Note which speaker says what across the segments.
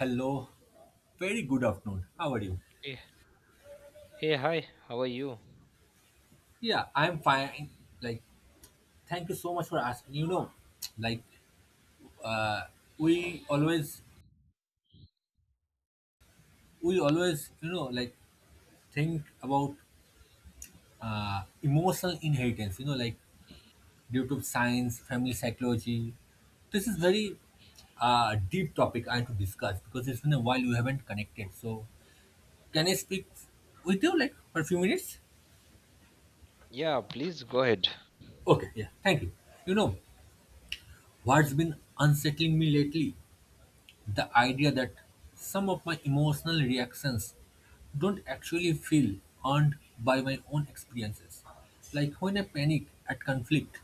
Speaker 1: Hello, very good afternoon. How are you?
Speaker 2: Hey, hey, hi, how are you?
Speaker 1: Yeah, I'm fine. Like, Thank you so much for asking. Like, uh, we always, we always think about emotional inheritance. You know, like due to science, family psychology. This is very deep topic I have to discuss because it's been a while we haven't connected. So, can I speak with you like for a few minutes?
Speaker 2: Yeah, please go ahead.
Speaker 1: Okay. Yeah. Thank you. You know what's been unsettling me lately: the idea that some of my emotional reactions don't actually feel earned by my own experiences. Like when I panic at conflict,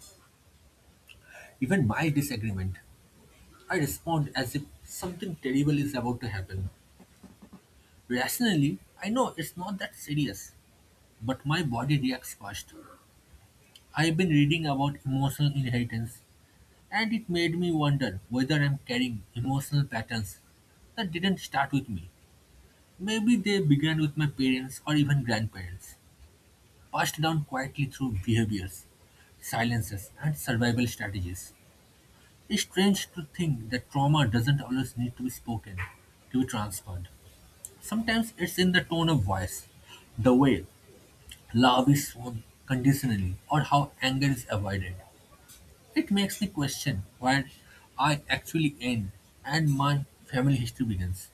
Speaker 1: even mild disagreement, I respond as if something terrible is about to happen. Rationally, I know it's not that serious, but my body reacts first. I've been reading about emotional inheritance, and it made me wonder whether I'm carrying emotional patterns that didn't start with me. Maybe they began with my parents or even grandparents, passed down quietly through behaviors, silences, and survival strategies. It's strange to think that trauma doesn't always need to be spoken to be transferred. Sometimes it's in the tone of voice, the way love is shown conditionally, or how anger is avoided. It makes me question where I actually end and my family history begins.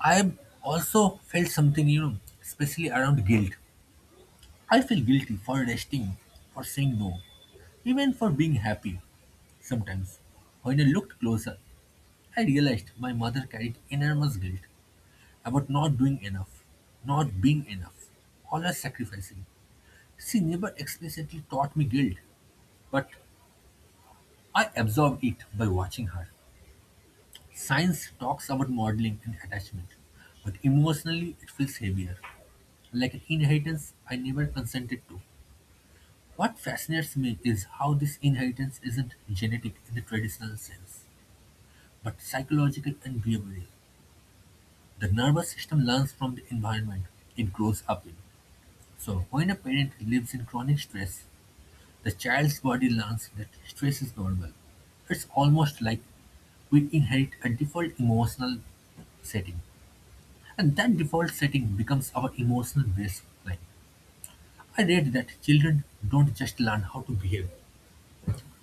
Speaker 1: I've also felt something, you know, especially around guilt. I feel guilty for resting, for saying no, even for being happy. Sometimes, when I looked closer, I realized my mother carried enormous guilt about not doing enough, not being enough, always sacrificing. She never explicitly taught me guilt, but I absorbed it by watching her. Science talks about modeling and attachment, but emotionally it feels heavier, like an inheritance I never consented to. What fascinates me is how this inheritance isn't genetic in the traditional sense, but psychological and behavioral. The nervous system learns from the environment it grows up in. So, when a parent lives in chronic stress, the child's body learns that stress is normal. It's almost like we inherit a default emotional setting, and that default setting becomes our emotional baseline. I read that children don't just learn how to behave,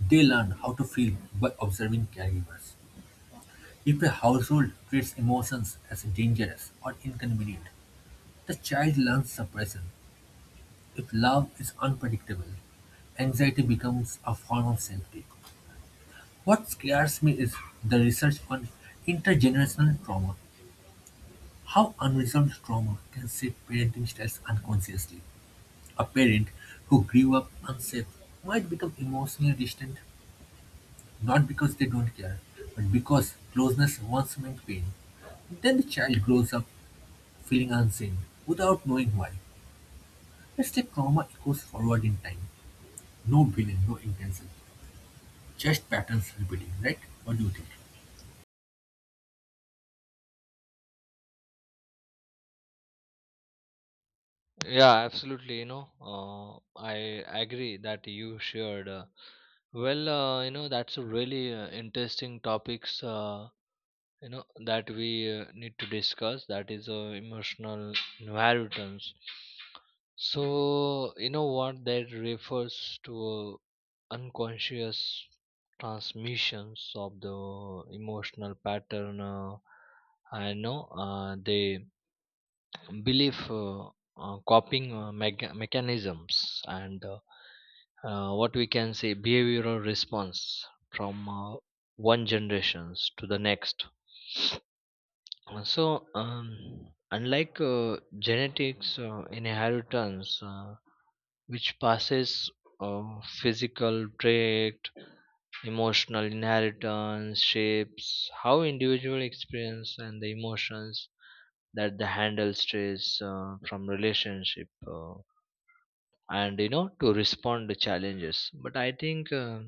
Speaker 1: they learn how to feel by observing caregivers. If a household treats emotions as dangerous or inconvenient, the child learns suppression. If love is unpredictable, anxiety becomes a form of safety. What scares me is the research on intergenerational trauma, how unresolved trauma can shape parenting styles unconsciously. A parent who grew up unsafe might become emotionally distant, not because they don't care, but because closeness once meant pain. Then the child grows up feeling unseen, without knowing why. It's like trauma echoes forward in time. No villain, no intention. Just patterns repeating, right? What do you think?
Speaker 2: Yeah, absolutely. I agree that you shared. That's a really interesting topics. You know that we need to discuss that is emotional inheritance. So you know what that refers to? Unconscious transmissions of the emotional pattern. I know they belief, coping mechanisms and, what we can say, behavioral response from, one generations to the next. So, unlike genetics inheritance, which passes, uh, physical trait, emotional inheritance shapes how individual experience and the emotions that they handle stress from relationship, and you know to respond to challenges. But I think,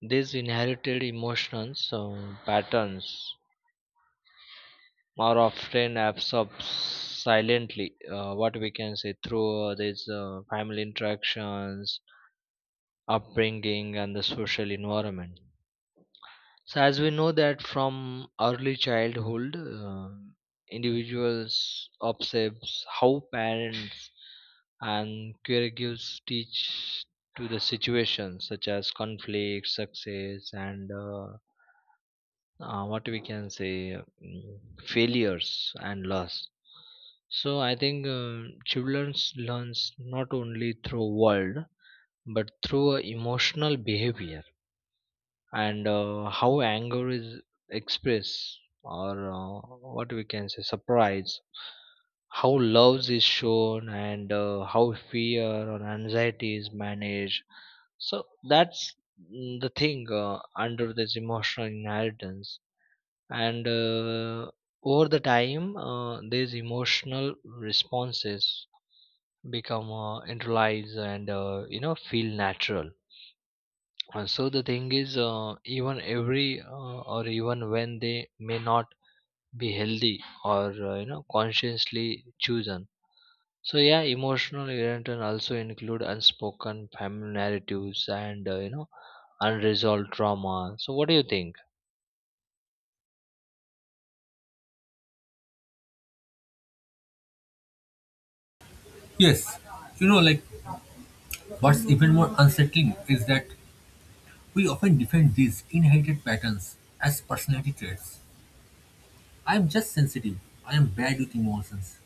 Speaker 2: these inherited emotions patterns more often absorbs silently, what we can say, through, these family interactions, upbringing and the social environment. So as we know that from early childhood, individuals observes how parents and caregivers teach to the situations such as conflict, success and, what we can say, mm, failures and loss. So I think, children learns not only through world but through, emotional behavior, and, how anger is expressed or, what we can say, surprise, how love is shown, and, how fear or anxiety is managed. So that's, the thing under this emotional inheritance. And, over the time, these emotional responses become, internalized and, you know, feel natural. And so the thing is, even every or even when they may not be healthy or, you know, consciously chosen. So yeah, emotional irritant also include unspoken family narratives and, you know, unresolved trauma. So what do you think?
Speaker 1: Yes. You know, like, what's even more unsettling is that we often defend these inherited patterns as personality traits. I am just sensitive. I am bad with emotions.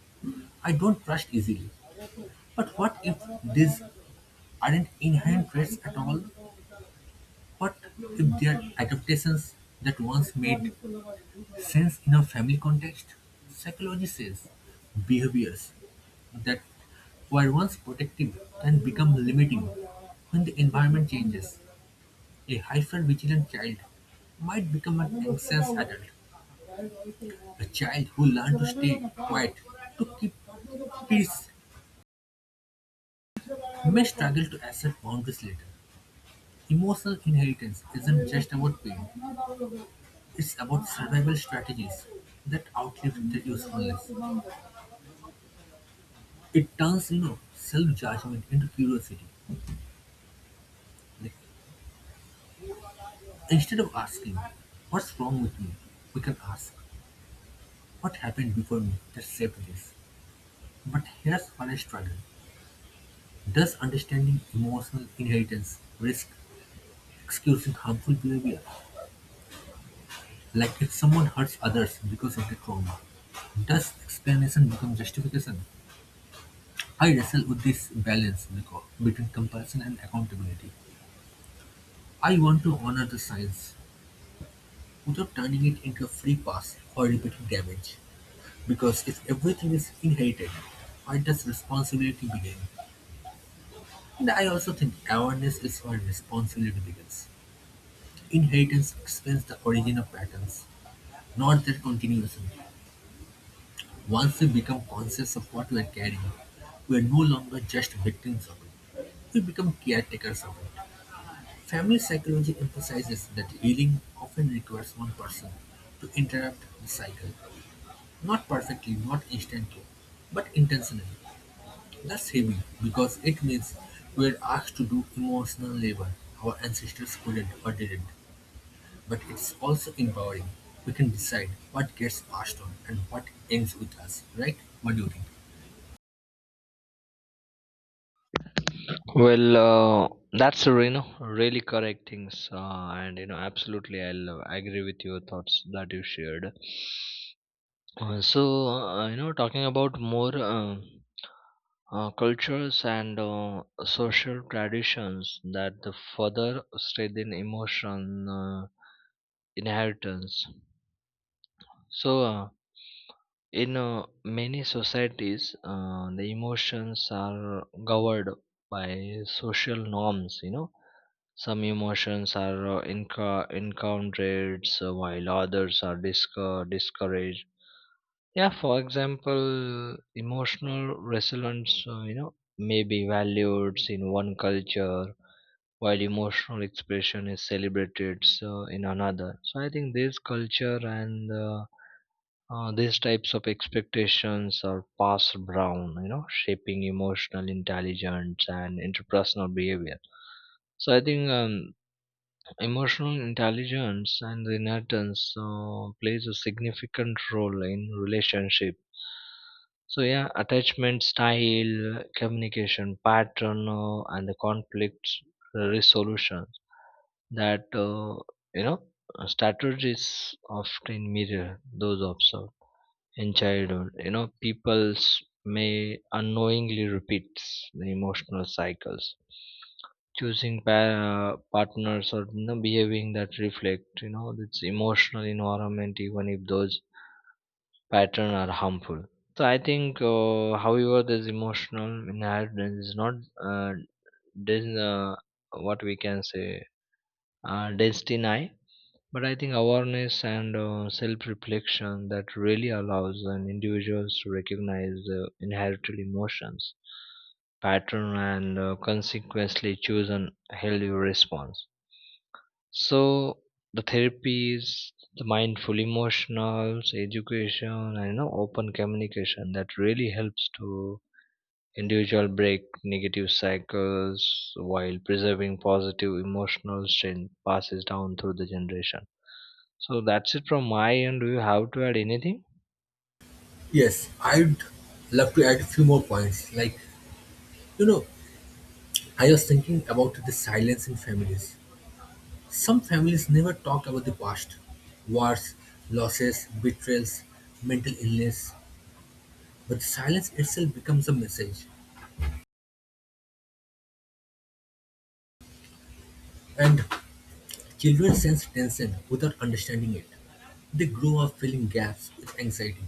Speaker 1: I don't trust easily. But what if these aren't inherent traits at all, but if they're adaptations that once made sense in a family context? Psychology says behaviors that were once protective can become limiting when the environment changes. A hyper-vigilant child might become an anxious adult. A child who learned to stay quiet to keep peace may struggle to accept boundaries later. Emotional inheritance isn't just about pain, it's about survival strategies that outlive their usefulness. It turns, you know, self-judgment into curiosity. Like, instead of asking, what's wrong with me, we can ask, what happened before me that shaped this? But here's where I struggle. Does understanding emotional inheritance risk excusing harmful behavior? Like if someone hurts others because of the trauma, does explanation become justification? I wrestle with this balance, Nico, between compassion and accountability. I want to honor the science without turning it into a free pass for repeating damage. Because if everything is inherited, where does responsibility begin? And I also think awareness is where responsibility begins. Inheritance explains the origin of patterns, not their continuation. Once we become conscious of what we are carrying, we are no longer just victims of it. We become caretakers of it. Family psychology emphasizes that healing often requires one person to interrupt the cycle, not perfectly, not instantly, but intentionally. That's heavy because it means we're asked to do emotional labor our ancestors couldn't or didn't, but it's also empowering. We can decide what gets passed on and what ends with us, right? What do you think?
Speaker 2: Well, that's, you know, really correct things, and you know absolutely, I'll agree with your thoughts that you shared. So, you know, talking about more, cultures and, social traditions that the further strengthen emotion, uh, inheritance. So. In, many societies, the emotions are governed by social norms. You know, some emotions are, encountered, while others are discouraged. Yeah, for example, emotional resilience, you know, may be valued in one culture while emotional expression is celebrated so in another. So I think this culture and, these types of expectations are passed down, you know, shaping emotional intelligence and interpersonal behavior. So I think emotional intelligence and inheritance plays a significant role in relationship. So yeah, attachment style, communication pattern, and the conflict resolution that, you know, strategies often mirror those observed in childhood. You know, people's may unknowingly repeats the emotional cycles, choosing partners or, you know, behaving that reflect, you know, this emotional environment, even if those patterns are harmful. So I think, however this emotional inheritance is not, uh, dis- uh, what we can say, destiny, but I think awareness and, self reflection that really allows an individuals to recognize the inherited emotions pattern and, consequently choose an healthy response. So the therapies, the mindful emotionals education, and you know open communication, that really helps to individual break negative cycles while preserving positive emotional strength passes down through the generation. So that's it from my end. Do you have to add anything?
Speaker 1: Yes, I'd love to add a few more points. You know, I was thinking about the silence in families. Some families never talk about the past: wars, losses, betrayals, mental illness. But silence itself becomes a message, and children sense tension without understanding it. They grow up filling gaps with anxiety,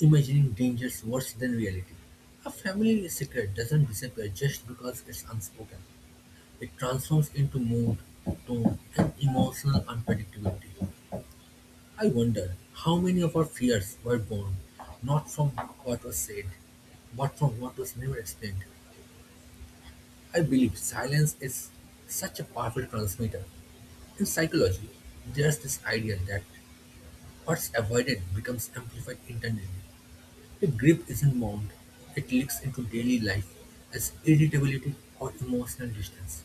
Speaker 1: imagining dangers worse than reality. A family secret doesn't disappear just because it's unspoken. It transforms into mood, tone, and emotional unpredictability. I wonder how many of our fears were born not from what was said, but from what was never explained. I believe silence is such a powerful transmitter. In psychology, there's this idea that what's avoided becomes amplified internally. If grief isn't mourned, it leaks into daily life as irritability or emotional distance.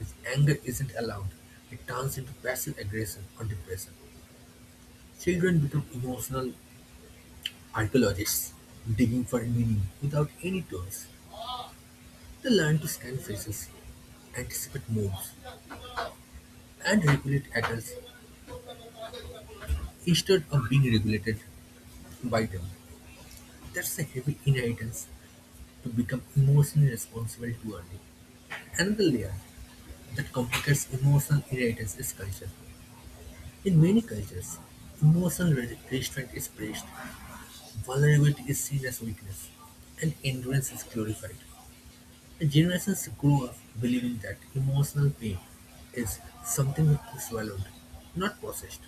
Speaker 1: If anger isn't allowed, it turns into passive aggression or depression. Children become emotional archaeologists, digging for meaning without any tools. They learn to scan faces, anticipate moves, and regulate adults instead of being regulated by them. That's a heavy inheritance, to become emotionally responsible too early. Another layer that complicates emotional inheritance is culture. In many cultures, emotional restraint is praised, vulnerability is seen as weakness, and endurance is glorified. Generations grew up believing that emotional pain is something to be swallowed, not possessed.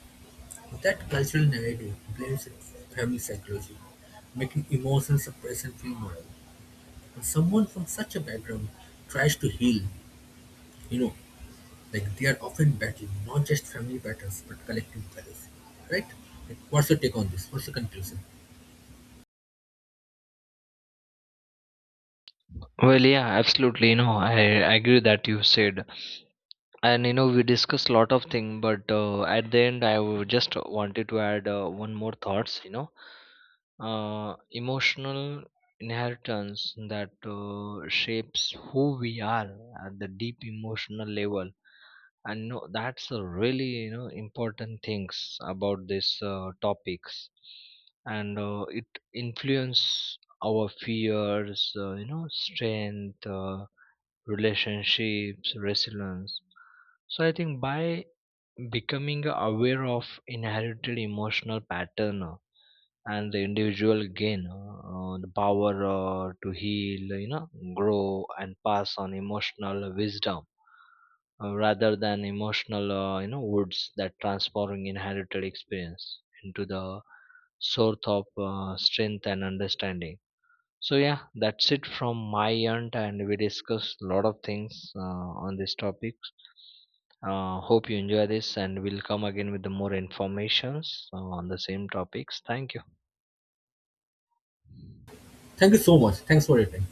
Speaker 1: That cultural narrative blames family psychology, making emotional suppression feel moral. When someone from such a background tries to heal, you know, like they are often battling not just family battles but collective values. Right? Like, what's your take on this? What's your conclusion?
Speaker 2: Well, yeah, absolutely. You know, I agree that you said, and you know, we discussed a lot of things, but, at the end, I would just wanted to add, one more thoughts. Emotional inheritance that, shapes who we are at the deep emotional level. And no, that's a really, you know, important things about these, topics. And, it influence our fears, you know, strength, relationships, resilience. So I think by becoming aware of inherited emotional pattern, and the individual gain, the power, to heal, you know, grow and pass on emotional wisdom, rather than emotional, you know, woods, that transforming inherited experience into the source of, strength and understanding. So yeah, that's it from my end, and we discussed a lot of things on this topic. Hope you enjoy this, and we'll come again with the more informations on the same topics. Thank you.
Speaker 1: Thank you so much. Thanks for your time.